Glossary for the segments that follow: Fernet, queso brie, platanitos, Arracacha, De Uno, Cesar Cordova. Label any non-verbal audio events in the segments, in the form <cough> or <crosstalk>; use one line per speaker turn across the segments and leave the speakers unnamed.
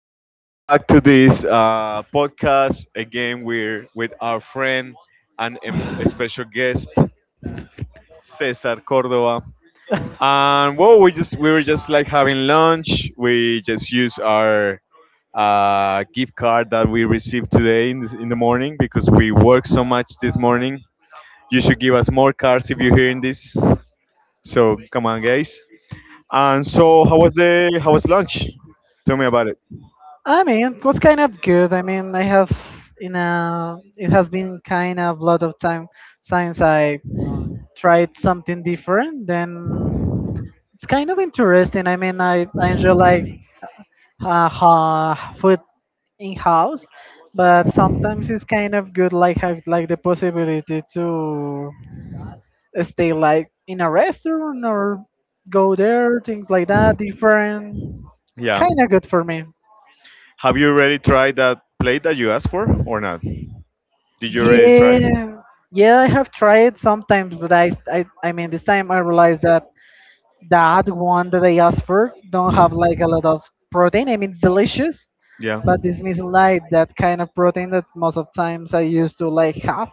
So welcome back to this podcast. Again, we're with our friend and special guest Cesar Cordova. And well, we were just like having lunch. We just used our gift card that we received today in, this, in the morning because we worked so much this morning. You should give us more cards if you're hearing this. So come on, guys. And so, how was lunch? Tell me about it.
I mean, it was kind of good. I mean, I have in a it has been kind of a lot of time since I tried something different. Then it's kind of interesting. I mean, I enjoy like food in house, but sometimes it's kind of good like have like the possibility to stay like in a restaurant or go there, things like that. Different,
Yeah.
kind of good for me.
Have you already tried that plate that you asked for or not? Did you already try it?
Yeah, yeah, I have tried sometimes, but I mean, this time I realized that that one that I asked for don't have like a lot of protein. I mean, it's delicious,
Yeah.
but this missing like that kind of protein that most of times I used to like have.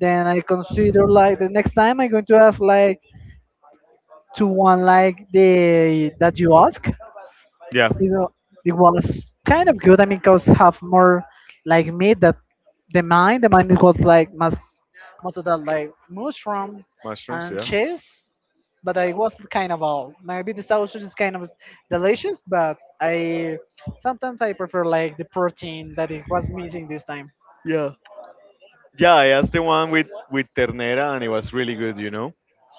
Then I consider like the next time I'm going to ask like to one like the that you ask,
Yeah,
you know, it was kind of good. I mean, cows have more like meat that the mine. The mine was like most most of the like mushroom
mushrooms.
and
Yeah.
cheese, but I was kind of all. Maybe the sausage is kind of delicious, but I sometimes I prefer like the protein that it was missing this time.
Yeah. Yeah, I asked the one with ternera, and it was really good.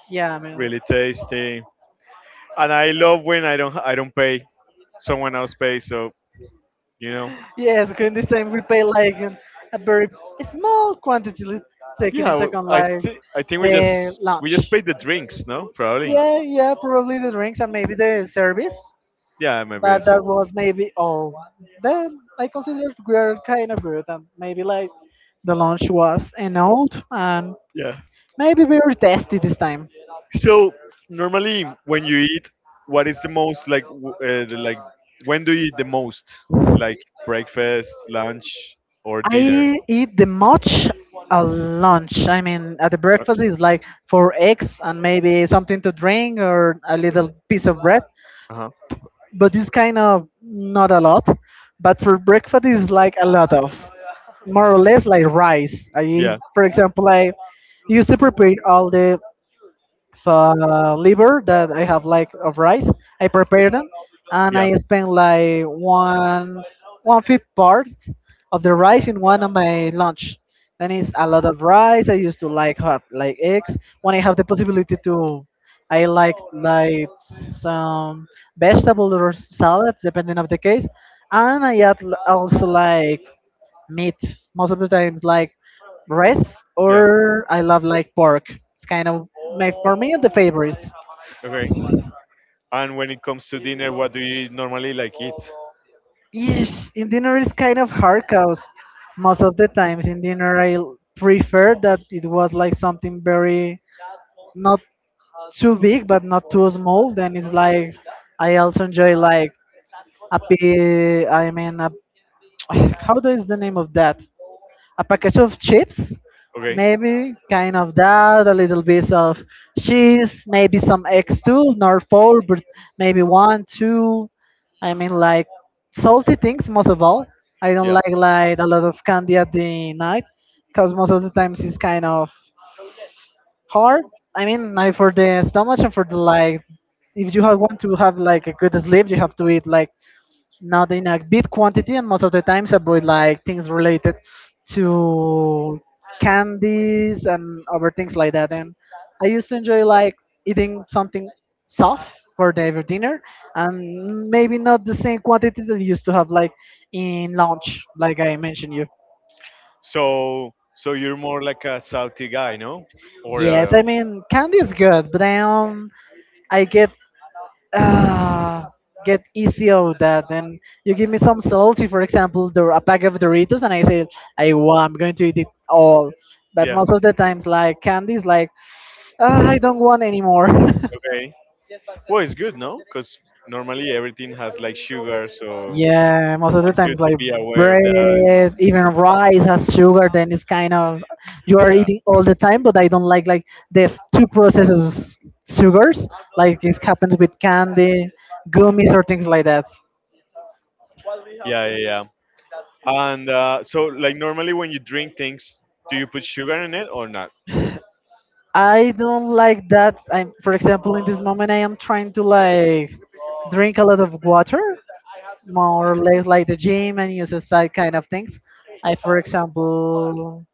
Yeah, man.
Really tasty. And I love when I don't pay, someone else pays. So you know.
Yes, okay, this time we pay like an, a very small quantity li- taking
Yeah,
into
w-
account
I
like
thi- I think
the
we just
lunch.
paid the drinks, no? Probably.
Yeah, yeah, probably the drinks and maybe the service,
Yeah, maybe.
but
So.
that was maybe all. Then I considered we are kind of good, and maybe like the lunch was an old, and
Yeah.
maybe we were tasty this time.
So normally, when you eat, what is the most like when do you eat the most? Like breakfast, lunch, or dinner?
I eat the much a lunch. I mean, at the breakfast is like 4 eggs and maybe something to drink or a little piece of bread,
Uh huh.
but it's kind of not a lot. But for breakfast, it's like a lot of more or less like rice. I,
Yeah.
for example, I used to prepare all the liver that I have like of rice. I prepare them and
Yeah.
I spend like one-fifth part of the rice in one of my lunch. Then it's a lot of rice. I used to like have like eggs. When I have the possibility to, I like some vegetable or salads depending of the case. And I add also like meat most of the times, like rice
Yeah.
or I love like pork. It's kind of my for me the favorite.
Okay. And when it comes to dinner, what do you normally like eat?
Yes, in dinner is kind of hard cause most of the times in dinner I prefer that it was like something very not too big but not too small. Then it's like I also enjoy like a I mean a, <sighs> <tsk> how do is the name of that? A package of chips,
Okay.
maybe kind of that, a little bit of cheese, maybe some eggs too, not four, but maybe one, two. I mean, like salty things most of all. I don't
Yeah.
like a lot of candy at the night, cause most of the times it's kind of hard. I mean, like for the stomach and for the like, if you have want to have like a good sleep, you have to eat like now they in a big quantity and most of the times about like things related to candies and other things like that. And I used to enjoy like eating something soft for the every dinner and maybe not the same quantity that you used to have like in lunch like I mentioned you.
So, you're more like a salty guy, no? Or
Yes,
a
I mean candy is good, but I get Ah, get easy of that. Then you give me some salty, for example, a pack of Doritos, and I say, I'm going to eat it all. But
Yeah.
most of the times, like candies, like ah, I don't want anymore. <laughs>
Okay. Well, it's good, no? Because normally everything has like sugar, so
Yeah, most of the times,
to
like
be aware of that. And,
bread, even rice has sugar. Then it's kind of you are
yeah.
eating all the time, but I don't like the two processes sugars, like it happens with candy, gummies, or things like that.
Yeah, yeah, yeah. And so, like, normally when you drink things, do you put sugar in it or not?
I don't like that. I'm, for example, in this moment, I am trying to like drink a lot of water, more or less like the gym and use side kind of things. I, for example,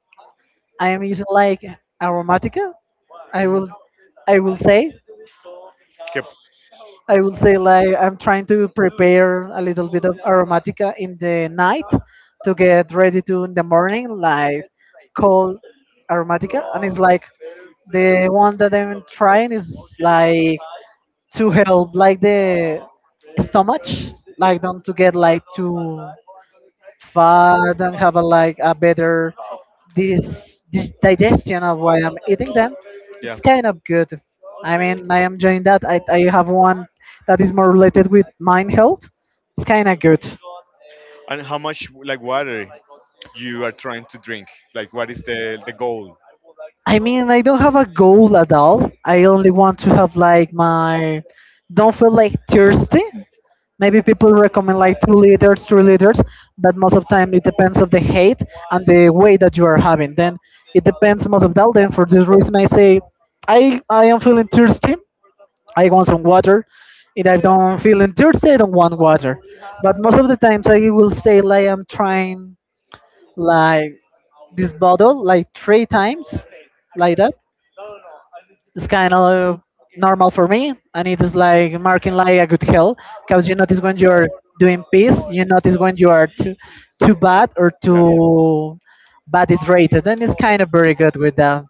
I am using like aromatica. I
Mhm.
will, I will say,
Que-
I will say like I'm trying to prepare a little bit of aromatica in the night to get ready to in the morning, like cold aromatica, and it's like the one that I'm trying is like to help like the stomach, like don't to get like too fat and have a like a better this digestion of what I'm eating. Then it's
Yeah.
kind of good. I mean, I am enjoying that. I have one that is more related with mind health. It's kind of good.
And how much like water you are trying to drink? Like what is the goal?
I mean, I don't have a goal at all. I only want to have like my don't feel like thirsty. Maybe people recommend like 2 liters, 3 liters, but most of the time it depends of the height and the weight that you are having. Then it depends most of that. Then for this reason, I say, I am feeling thirsty. I want some water. If I don't feeling thirsty, I don't want water. But most of the times, I will say like I'm trying like this bottle like 3 times, like that it's kind of normal for me, and it is like marking like a good hell, because you notice when you're doing peace, you notice when you are too bad or
Yeah.
too bad it rated, and it's kind of very good with that.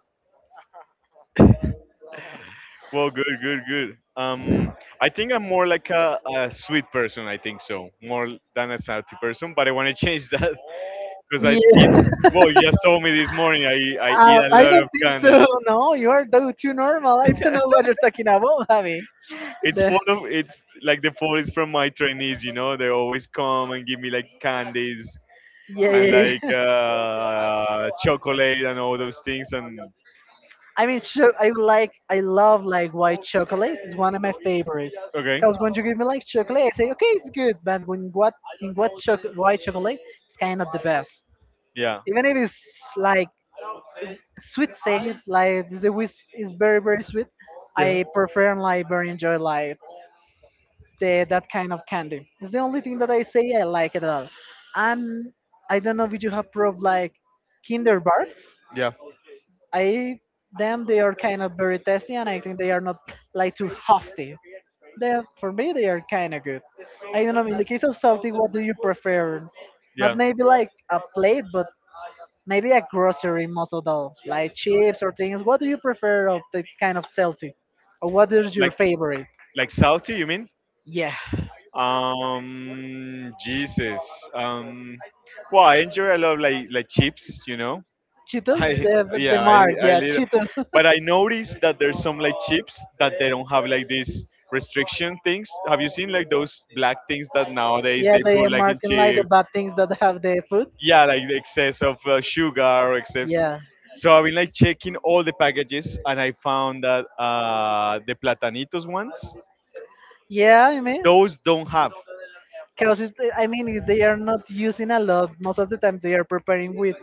Well, good, good, good. I think I'm more like a sweet person. I think so, more than a salty person. But I want to change that <laughs> because I eat.
Yeah, <laughs>
Well, you just told me this morning. I eat a
I
lot
don't
of
think
candy.
so. <laughs> No, you are too normal. <laughs> I don't know
<laughs>
what you're talking about, Javi.
It's
The-
full of. It's like the fall is from my trainees. You know, they always come and give me like candies
yeah,
and like
yeah,
chocolate and all those things. And
I mean, I like, I love like white chocolate. It's one of my favorites.
okay,
Cause when you give me like chocolate, I say okay, it's good. But when what in what choc white chocolate, it's kind of the best.
yeah.
Even if it's like sweet sales, like the whisk is very very sweet.
Yeah.
I prefer and like very enjoy like the that kind of candy. It's the only thing that I say I like it all. And I don't know if you have proved like Kinder bars.
Yeah.
I them they are kind of very testy, and I think they are not like too hostile. They for me they are kind of good. I don't know. In the case of salty, what do you prefer? Not maybe like a plate, but maybe a grocery most of all, like
Yeah.
chips or things. What do you prefer of the kind of salty, or what is your
Like
favorite?
like salty? You mean?
Yeah,
Jesus. Well, I enjoy a lot of like chips, you know. <laughs>
Cheetos,
I
the
yeah, I
mark.
I
Yeah,
live,
Cheetos.
but I noticed that there's some like chips that they don't have like these restriction things. Have you seen like those
<laughs>
black things that nowadays
Yeah,
they
they
put
are
like in
marking like the
chips?
bad things that have the food.
Yeah, like the excess of sugar or excess.
Yeah.
So I've been like checking all the packages, and I found that the platanitos ones
Yeah, I mean,
those don't have.
because it, I mean if they are not using a lot. Most of the times they are preparing with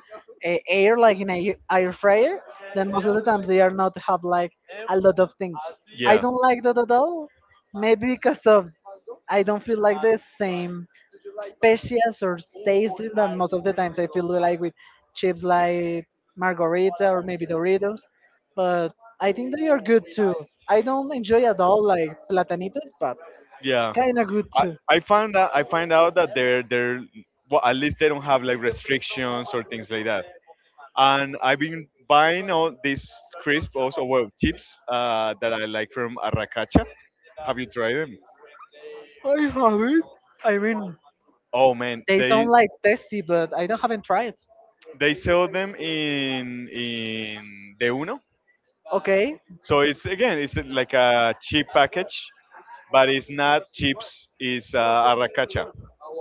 air, like in a air fryer. Then most of the times they are not have like a lot of things. I
Yeah,
don't like that at all. Maybe because of I don't feel like the same specials or tasting that most of the times I feel like with chips like margarita or maybe Doritos, but I think they are good too. I don't enjoy at all like platanitos, but
yeah.
kind of good
I,
too.
I found out I find out that they're well, at least they don't have like restrictions or things like that. And I've been buying all these crisps also well chips that I like from Arracacha. Have you tried them?
I have it. I mean,
Oh man,
they sound like tasty, but I don't haven't tried.
they sell them in De Uno.
Okay.
So it's again it's like a cheap package but it's not chips. It's arracacha.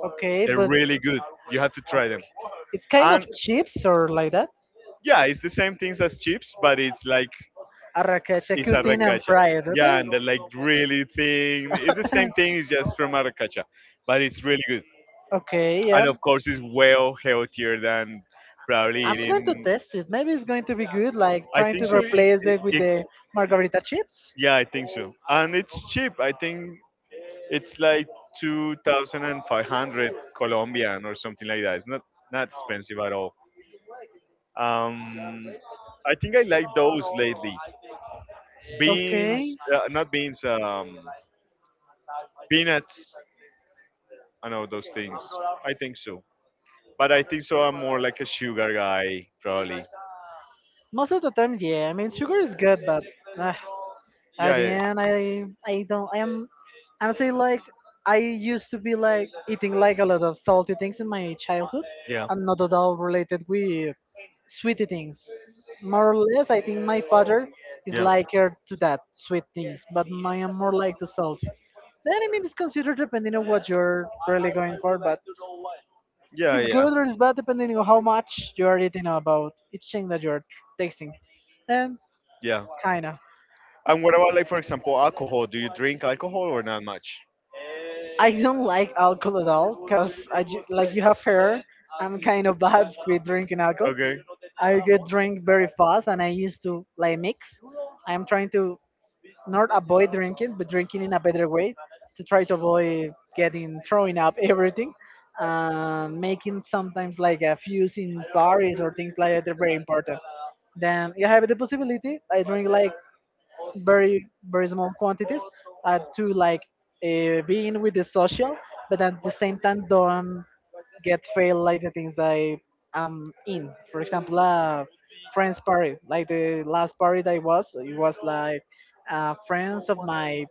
Okay,
They're
but
really good. You have to try them.
it's kind
And
of chips or like that.
yeah, it's the same things as chips, but it's like
Arracacha
it's
cutting and
arracacha.
fried.
Yeah,
Okay.
and they're like really thin. It's the same thing. It's just
<laughs>
from arracacha, but it's really good.
Okay. Yeah.
And of course, it's well healthier than probably
I'm going to
eating.
test it. Maybe it's going to be good, like
I
trying
think
to
so.
replace it with the margarita chips.
Yeah, I think so. And it's cheap. I think it's like two thousand and five hundred Colombian or something like that. It's not not expensive at all. Um, I think I like those lately.
Okay.
Beans, not beans, peanuts. I know those things. I think so. But I think so. I'm more like a sugar guy, probably.
Most of the times, yeah. I mean, sugar is good, but uh, at
Yeah,
the
yeah,
end, I don't I am honestly like I used to be like eating like a lot of salty things in my childhood.
yeah,
I'm not at all related with sweety things. More or less, I think my father is
yeah.
liker to that sweet things, but I am more like to salty. Then I mean, it's considered depending on what you're really going for, but
Yeah,
it's
yeah,
good or it's bad depending on how much you are eating about each thing that you're tasting. And
yeah.
kinda.
And what about like for example alcohol? Do you drink alcohol or not much?
I don't like alcohol at all because I like you have heard I'm kind of bad <laughs> with drinking alcohol.
Okay.
I get drink very fast and I used to like mix. I'm trying to not avoid drinking but drinking in a better way to try to avoid getting throwing up everything and making sometimes like a fuse in Paris or things like that. They're very important. Then if I have the possibility, I drink like very very small quantities to like be in with the social, but at the same time don't get fail like the things that I am in. For example, friends party, like the last party that I was, it was like friends of my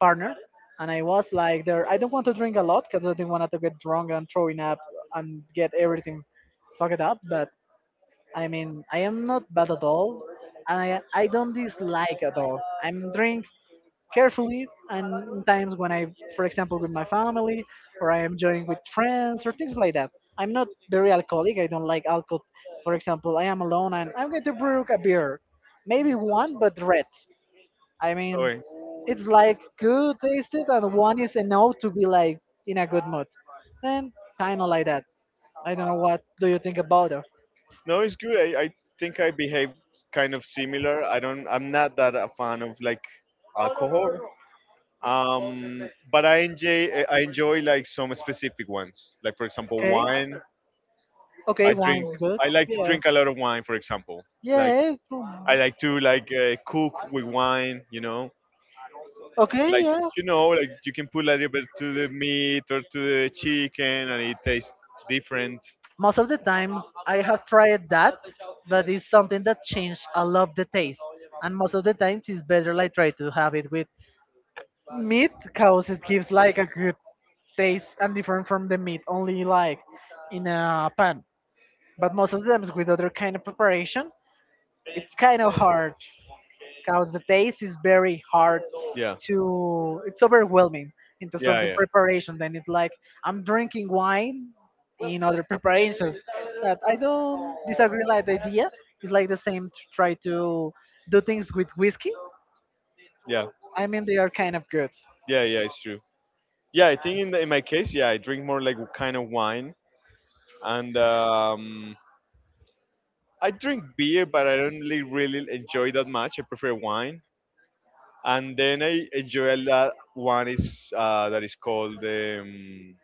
partner. And I was like there, I don't want to drink a lot because I didn't want to get drunk and throwing up and get everything fucked up. But I mean, I am not bad at all, and I don't dislike at all. I'm drink carefully. And times when I, for example, with my family or I am joining with friends or things like that. I'm not very alcoholic. I don't like alcohol. For example, I am alone and I'm going to brew a beer, maybe one, but reds. I mean,
Okay.
it's like good tasted, and one is enough to be like in a good mood, and kind of like that. I don't know what do you think about it.
No, it's good. I think I behave kind of similar. I don't. I'm not that a fan of like alcohol. But I enjoy like some specific ones. Like for example,
Okay.
wine.
Okay,
I
wine
drink.
is good.
I like to
Yeah.
drink a lot of wine. For example, like
Yes. Mm.
I like to like cook with wine, you know,
Okay,
like
yeah.
you know, like you can put a little bit to the meat or to the chicken, and it tastes different.
Most of the times I have tried that, but it's something that changed a lot the taste. And most of the times it's better like try to have it with meat because it gives like a good taste and different from the meat only like in a pan. But most of the times with other kind of preparation, it's kind of hard, because the taste is very hard
Yeah,
to, it's overwhelming into
yeah,
something
yeah.
preparation. Then it's like I'm drinking wine in other preparations that I don't disagree like the idea. It's like the same to try to do things with whiskey.
Yeah,
I mean, they are kind of good.
yeah, yeah. It's true. Yeah, I think in my case, yeah, I drink more like kind of wine, and I drink beer, but I don't really, really enjoy that much. I prefer wine. And then I enjoy a lot. One is that is called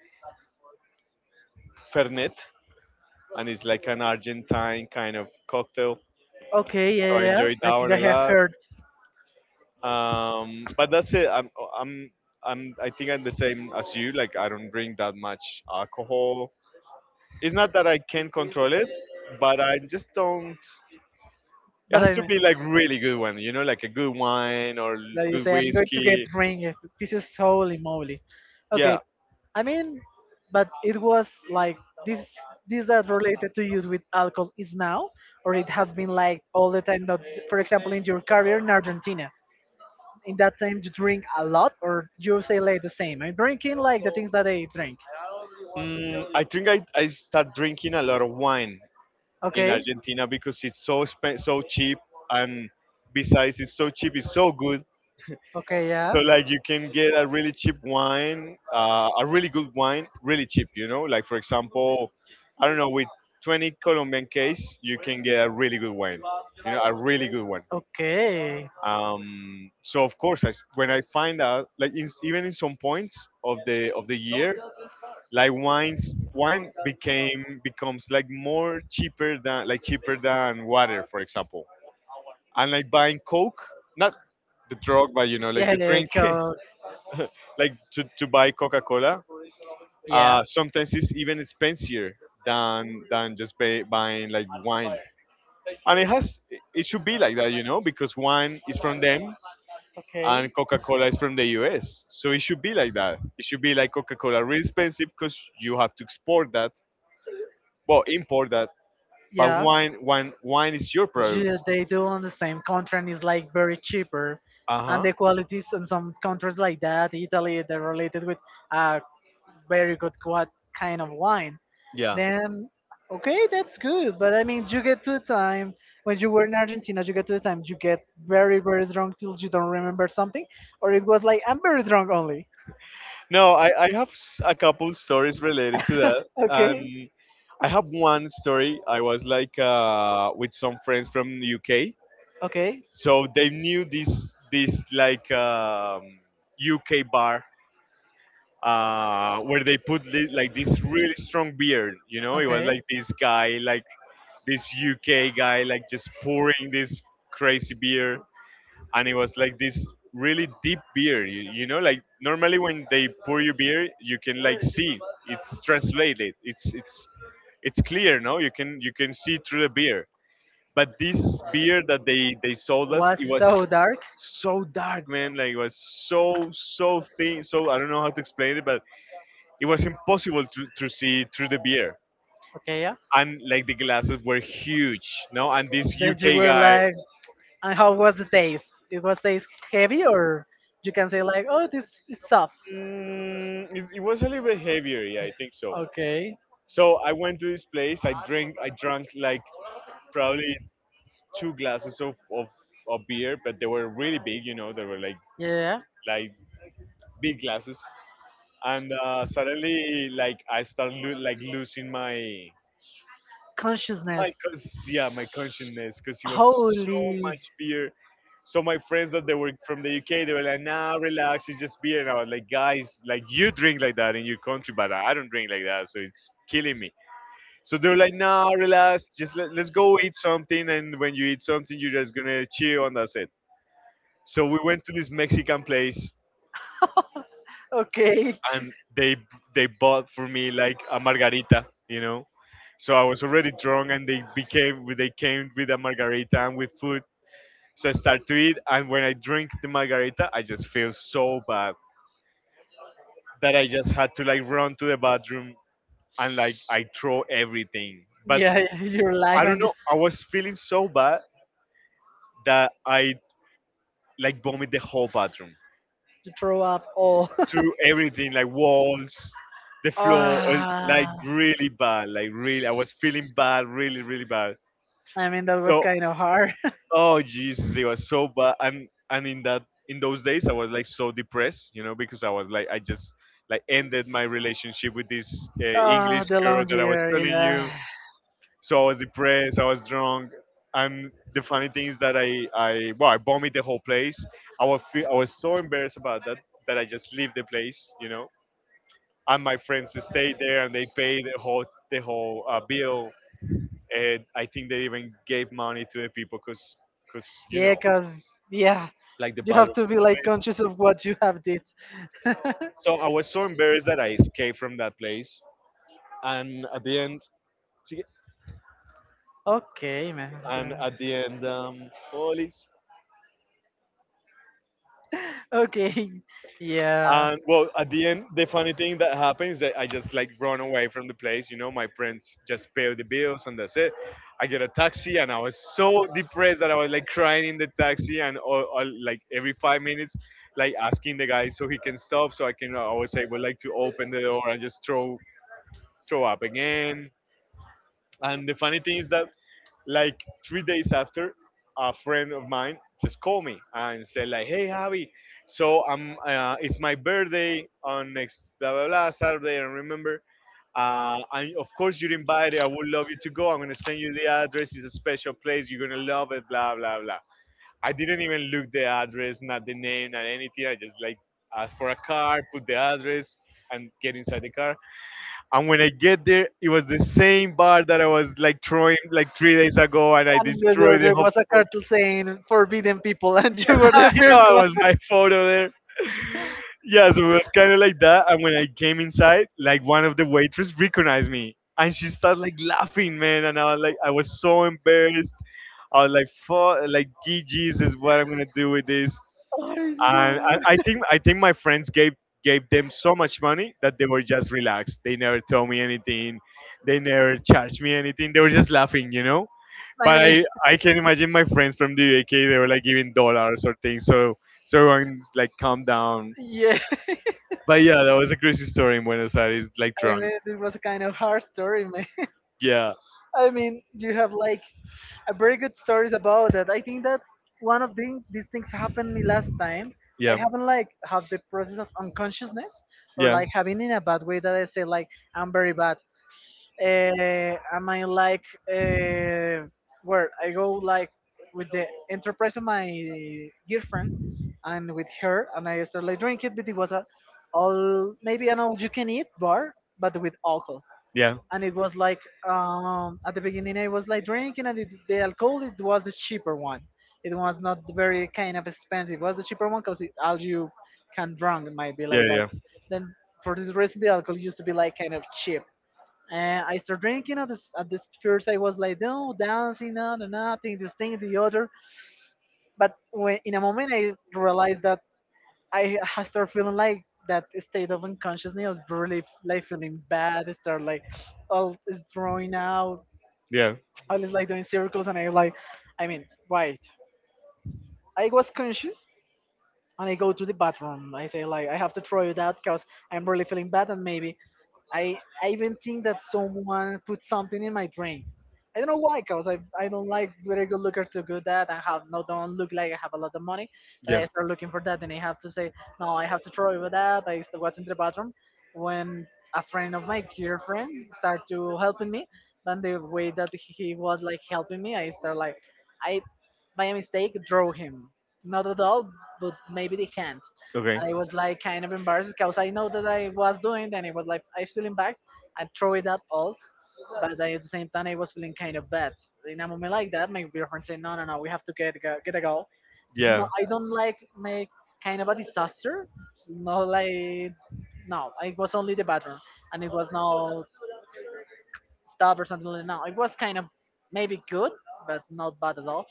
Fernet, and it's like an Argentine kind of cocktail.
Okay, yeah, yeah
So I
yeah.
enjoy
I
that
think I
one a
have
lot.
heard.
But that's it. I'm, I think I'm the same as you. Like I don't drink that much alcohol. It's not that I can't control it, but I just don't. It
But I
has to
mean,
be like really good one, you know, like a good wine or
that you
good
say I'm going to get
whiskey.
ringed. This is holy moly. Okay,
Yeah.
I mean, but it was like this. This that related to you with alcohol is now, or it has been like all the time. That, for example, in your career in Argentina, in that time you drink a lot, or you say like the same, I'm drinking like the things that I drink.
Mm, I think I start drinking a lot of wine in
Okay.
Argentina because it's so so cheap, and besides, it's so cheap, it's so good.
Okay, yeah.
So like you can get a really cheap wine, a really good wine, really cheap. You know, like for example, I don't know, with 20 Colombian case, you can get a really good wine. You know, a really good one.
Okay.
So of course, I s when I find out, like even in some points of the year, like wines wine became becomes like more cheaper than like cheaper than water, for example, and like buying coke, not the drug but you know like
Yeah,
the
yeah,
drink, <laughs>
Coke.
like to buy coca-cola.
Yeah.
Sometimes it's even expensier than just buying like wine, and it has it should be like that, you know, because wine is from them and
Okay.
coca-cola is from the US, so it should be like that. It should be like coca-cola really expensive because you have to export that, well, import that. But
Yeah.
wine is your product.
Ju- they do on the same contract. It's like very cheaper,
Uh
and
huh.
the qualities in some countries like that, Italy, they're related with a very good what kind of wine.
Yeah.
Then, okay, that's good. But I mean, you get to a time when you were in Argentina, you get to a time you get very, very drunk till you don't remember something, or it was like I'm very drunk only.
No, I have a couple stories related to that,
<laughs> Okay,
and I have one story. I was like with some friends from UK, so they knew this like UK bar where they like this really strong beer. You know, it
okay,
was
okay.
like this guy, like this UK guy, like just pouring this crazy beer, and it was like this really deep beer. You know, like normally when they pour you beer you can like see it's translated it's clear, no, you can you can see through the beer, but this beer that they sold us,
Was
it was
so dark.
so dark, man, like it was so so thin, so I don't know how to explain it, but it was impossible to see through the beer,
Okay, yeah.
and like the glasses were huge, no, and this
That you
uk
were
guy
like, and how was the taste? It was taste heavy, or you can say like, oh, this is soft.
mm, it was a little bit heavier, yeah, I think so.
Okay.
So I went to this place. I drink. I drank like probably two glasses of beer, but they were really big. You know, they were
Yeah.
like big glasses. And suddenly, like I started like losing my
Consciousness.
yeah, my consciousness because it was so
Holy.
much beer. So my friends that they were from the UK, they were like, "Nah, relax, it's just beer." And I was like, "Guys, like you drink like that in your country, but I don't drink like that, so it's killing me." So they're like, nah, relax, just let's go eat something. And when you eat something, you're just gonna chill, and that's it. So we went to this Mexican place,
<laughs> Okay.
and they bought for me like a margarita, you know. So I was already drunk, and they came with a margarita and with food. So I start to eat, and when I drink the margarita, I just feel so bad that I just had to like run to the bathroom, and like I throw everything. But
Yeah, yeah, your life
I don't
and you,
know, I was feeling so bad that I like vomit the whole bathroom
you throw up all.
through everything, like walls, the
<laughs>
floor, or, like
Ah,
really bad, like really. I was feeling bad, really, really bad.
I mean, that was
So,
kind of hard. <laughs>
oh Jesus, it was so bad. And in that in those days, I was like so depressed, you know, because I was like I just like ended my relationship with this
Ah,
English
the
girl
long
that I was
year.
telling you.
Yeah.
So I was depressed. I was drunk. And the funny thing is that I well, I vomited the whole place. I was, I was so embarrassed about that that I just leave the place, you know. And my friends stayed there and they paid the whole bill. And I think they even gave money to the people because, cause you
Yeah,
know,
because, yeah,
like the
you have
bathroom.
to be like conscious of what you have did. <laughs>
So I was so embarrassed that I escaped from that place. And at the end, see,
Okay, man.
and
<laughs>
at the end, police.
Okay. Yeah.
And
And
well, at the end, the funny thing that happens that I just like run away from the place. My friends just pay the bills and that's it. I get a taxi and I was so depressed that I was like crying in the taxi and all, like every 5 minutes, like asking the guy so he can stop so I was able like to open the door and just throw up again. And the funny thing is that like 3 days after, a friend of mine just called me and said like, "Hey, Javi, so it's my birthday on next blah blah blah Saturday. And remember, and of course you're invited. I would love you to go. I'm gonna send you the address. It's a special place. You're gonna love it. Blah blah blah." I didn't even look the address, not the name, not anything. I just like asked for a car, put the address, and get inside the car. And when I get there, it was the same bar that I was like throwing like 3 days ago, and I
the other,
destroyed the
there
whole.
was a
<laughs>
cartel saying forbidden people, <laughs> and you were
I
the first
know it
one. <laughs>
was my photo there. Yeah, so it was kind of like that. And when I came inside, like one of the waitress recognized me, and she started like laughing, man. And I was like, I was so embarrassed. I was like, "Fuck, like, gee, Jesus, what I'm gonna do with this?"
Oh,
And I,
no.
I think I think my friends gave them so much money that they were just relaxed. They never told me anything. They never charged me anything. They were just laughing, you know.
I
But
mean,
I can imagine my friends from the UK. They were like giving dollars or things. So everyone's like calm down.
yeah.
But yeah, that was a crazy story in Buenos Aires. Like
<laughs> I
drunk.
mean, it was a kind of hard story, man.
Yeah.
<laughs> I mean, you have like a very good stories about that. I think that one of the, these things happened me last time. I
Yeah.
haven't like have the process of unconsciousness, or
Yeah.
like having in a bad way that I say like I'm very bad. Am I like uh, where I go like with the enterprise of my girlfriend, and with her, and I started like drinking. But it was a all maybe an all you can eat bar, but with alcohol.
Yeah.
And it was like at the beginning I was like drinking, and it, the alcohol it was the cheaper one. It was not very kind of expensive. It was the cheaper one because all you can drunk it might be like
Yeah,
that.
yeah.
Then for this reason the alcohol used to be like kind of cheap. And I started drinking at this first. I was like no dancing on and nothing this thing the other. But when, in a moment I realized that I ha- start feeling like that state of unconsciousness, of really like feeling bad, I start like all is drawing out.
Yeah.
I was like doing circles, and I like, I mean, right. I was conscious, and I go to the bathroom. I say like, I have to throw it out because I'm really feeling bad, and maybe I even think that someone put something in my drink. I don't know why, cause I don't like very good looker to do that. I have no don't look like I have a lot of money, but I
Yeah.
start looking for that, and I have to say no, I have to throw over that. I still what's in the bathroom when a friend of my girlfriend start to helping me, but the way that he was like helping me, I start like I by a mistake draw him, not at all, but maybe the hand.
Okay.
I was like kind of embarrassed because I know that I was doing, and it was like I feeling bad. I throw it up all, but then at the same time I was feeling kind of bad. In a moment like that, my girlfriend said, "No, no, no, we have to get go- get a goal." No,
Yeah.
I don't like make kind of a disaster. No, like no, it was only the bathroom, and it was no stop or something like that. No, it was kind of maybe good, but not bad at all.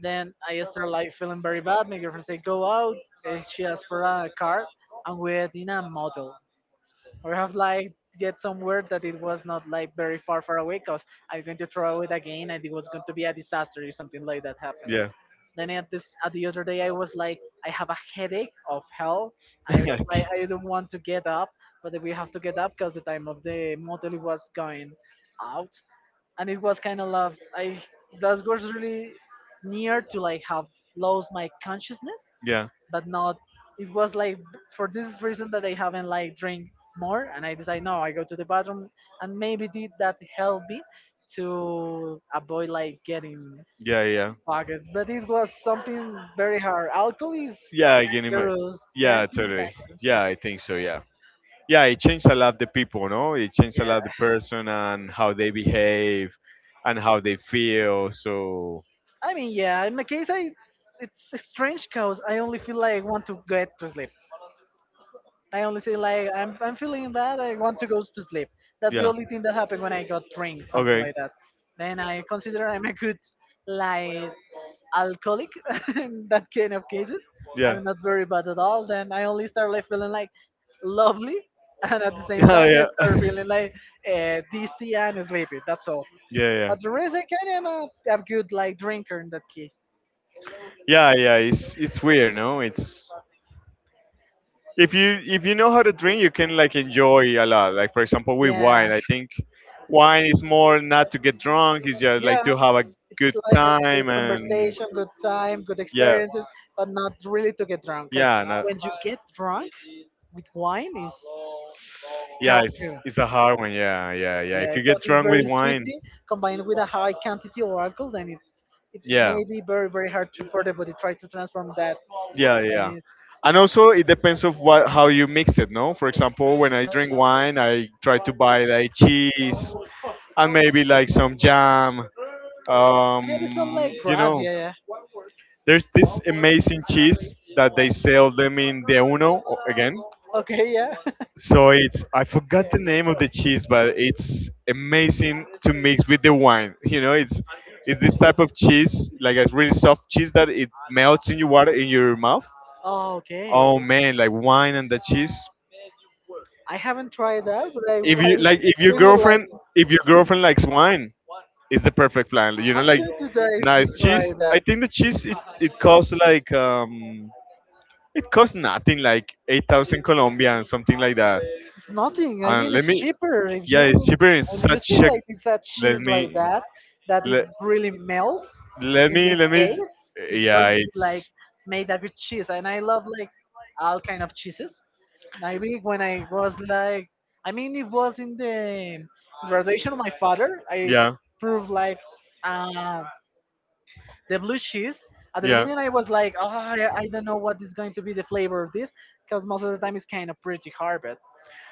Then I start like feeling very bad. My girlfriend said, "Go out." And she asked for a car, and we had in a motel. We have like get somewhere that it was not like very far away because I'm going to throw it again, and it was going to be a disaster if something like that happened.
Yeah.
Then at this at the other day I was like I have a headache of hell, and I was
<laughs>
like
Okay.
I don't want to get up, but we have to get up because the time of the motel was going out. And it was kind of love. I that was really near to like have lost my consciousness,
Yeah.
but not. It was like for this reason that I haven't like drink more, and I decide no, I go to the bathroom, and maybe did that help me to avoid like getting
Yeah. Yeah.
pockets. But it was something very hard. Alcohol is
Yeah. I can imagine.
dangerous, dangerous,
Yeah. Totally.
dangerous.
Yeah. I think so. Yeah. Yeah. It changed a lot the people. No. It changed a
Yeah,
lot the person and how they behave and how they feel. So.
I mean, yeah. In my case, I it's strange because I only feel like I want to get to sleep. I only say like I'm feeling bad. I want to go to sleep. That's the
Yeah.
only thing that happened when I got drink, something
Okay.
like that. Then I consider I'm a good like alcoholic <laughs> in that kind of cases.
Yeah.
I'm
<laughs>
not very bad at all. Then I only start like feeling like lovely, <laughs> and at the same
Oh,
time
yeah.
I start
<laughs>
feeling like dizzy and sleepy. That's all.
Yeah. Yeah.
But the rest I kind of am a good like drinker in that case.
Yeah. Yeah. It's weird, no? It's, if you know how to drink, you can like enjoy a lot, like for example with
Yeah,
wine. I think wine is more not to get drunk, it's just like
yeah.
to have a
It's
good
like a
time.
good
And
conversation, good time, good
yeah,
experiences, but not really to get drunk. Because
yeah, not,
when you get drunk with wine, is
yeah,
hell
it's
too.
it's a hard one, yeah, yeah, yeah. If
Yeah,
you get
because it's
drunk with
very
wine,
sweety combined with a high quantity of alcohol, then it, it's
yeah,
maybe very very hard to for the body try to transform that.
yeah, yeah.
And it's
And also it depends of what how you mix it, no? For example, when I drink wine, I try to buy like cheese and maybe like some jam.
maybe some
Um,
like
you
grass.
know,
Yeah, yeah.
there's this amazing cheese that they sell them in the Uno again.
Okay, yeah.
So it's I forgot the name of the cheese, but it's amazing to mix with the wine. <laughs> You know, it's this type of cheese, like a really soft cheese that it
<laughs>
melts in your water in your mouth. Oh
Okay.
man, like wine and the cheese.
I haven't tried that, but
If
I
you like, if your
really would like
girlfriend,
to.
if your girlfriend likes wine, it's the perfect flan. You know,
I'm
like
going to
nice cheese.
try
I
that.
think the cheese it costs like it costs nothing, like 8,000 Colombian, something like that.
It's nothing. I
And
mean,
let
it's
me,
cheaper if
yeah,
you
it's cheaper in
and you
such
see
a
like it's that
let
cheese like
me
that that it
let
really melts.
let
In
me
this
let me
case, it's
yeah,
going to be like
it's,
made up with cheese, and I love like all kind of cheeses. I think when I was like, I mean, it was in the graduation of my father. I
yeah,
proved like uh, the blue cheese. At the
yeah.
beginning, I was like, oh, I don't know what is going to be the flavor of this, because most of the time it's kind of pretty hard. But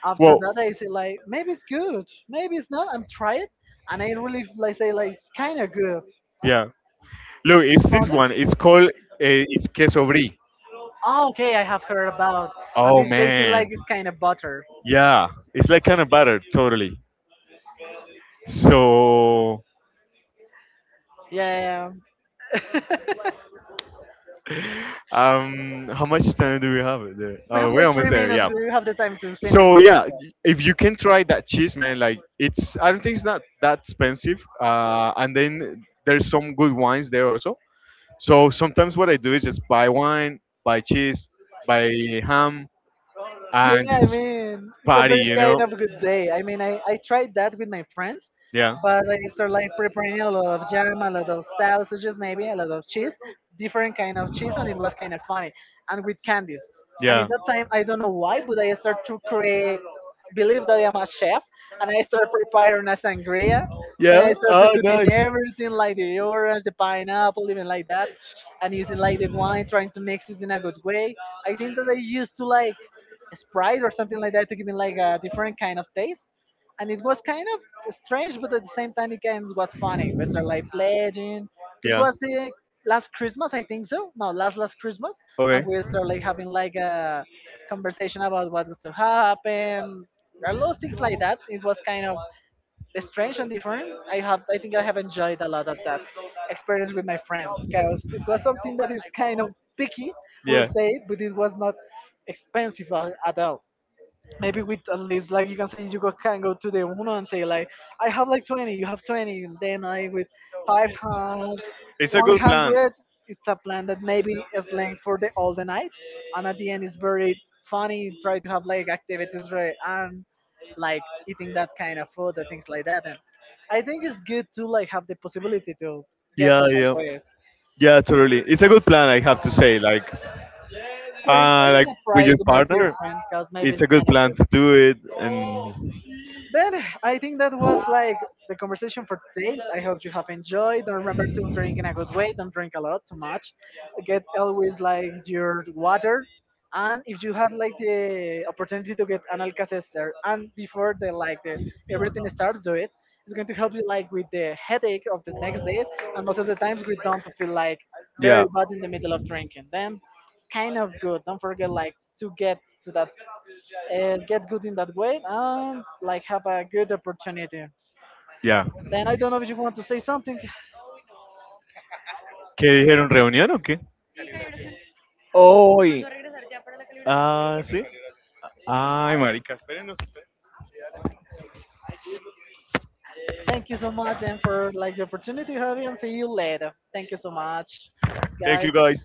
after
Well,
that, I say like, maybe it's good, maybe it's not. I'm try it, and I really like say like it's kind of good.
yeah. Look,
You
it's this
found it?
one. It's called it's queso brie.
Oh, okay, I have heard about. And
Oh
these days, it like
man,
it's kind of butter.
yeah, it's like kind of butter, totally. So,
Yeah, yeah, yeah.
how much time do we have there?
We have
We're
like three
almost there.
minutes.
Yeah.
We have the time to finish
So yeah,
this.
if you can try that cheese, man, like it's I don't think it's not that expensive. And then there's some good wines there also. So sometimes what I do is just buy wine, buy cheese, buy ham, and
Yeah, I
just
mean, it's a
party,
very
you know?
kind of good day. I mean, I tried that with my friends,
Yeah.
but they start like preparing a lot of jam, a lot of sausages, maybe a lot of cheese, different kind of cheese, and it was kind of funny, and with candies. And at
Yeah.
that time, I don't know why, but I start to create, believe that I am a chef, and I start preparing a sangria. And
Yeah.
I start to
Oh,
cutting
nice.
everything like the orange, the pineapple, even like that, and using like the wine, trying to mix it in a good way. I think that I used to like Sprite or something like that to give it like a different kind of taste, and it was kind of strange, but at the same time, it games was funny. We started like pledging. It
Yeah.
was the last Christmas, I think so. No, last Christmas, and
Okay.
we started like having like a conversation about what's going to happen. A lot of things like that. It was kind of strange and different. I have, I think, I have enjoyed a lot of that experience with my friends because it was something that is kind of picky, we'll
Yeah.
say, but it was not expensive a- at all, maybe with at least like you can say you go, can go to the uno and say like I have like 20, you have 20, and then I with 500,
It's a good plan.
100. It's a plan that maybe is playing for the all the night, and at the end it's very funny. Try to have like activities right and like eating that kind of food and things like that. And I think it's good to like have the possibility to get to
Yeah,
that
yeah.
way.
Yeah, totally. It's a good plan, I have to say. Like, uh,
First, I'm
like
gonna
with
try
your
to my
partner,
girlfriend because maybe
it's
it's
a
kind
good
of.
plan to do it.
Then I think that was like the conversation for today. I hope you have enjoyed. Don't remember to drink in a good way. Don't drink a lot, too much. Get always like your water. And if you had like the opportunity to get an Alka-Seltzer and before the like the everything starts, do it. It's going to help you like with the headache of the next day. And most of the times we don't feel like
And
very
ya,
bad in the middle of drinking. Then it's kind of good. Don't forget like to get to that and get good in that way and like have a good opportunity.
ya.
Then I don't know if you want to say something.
¿Qué dijeron? ¿Reunión o qué? ¡Hoy! Ah, sí. Ay, marica, espérenos.
Thank you so much and for like the opportunity having and see you later. Thank you so much,
Thank you
guys.
guys.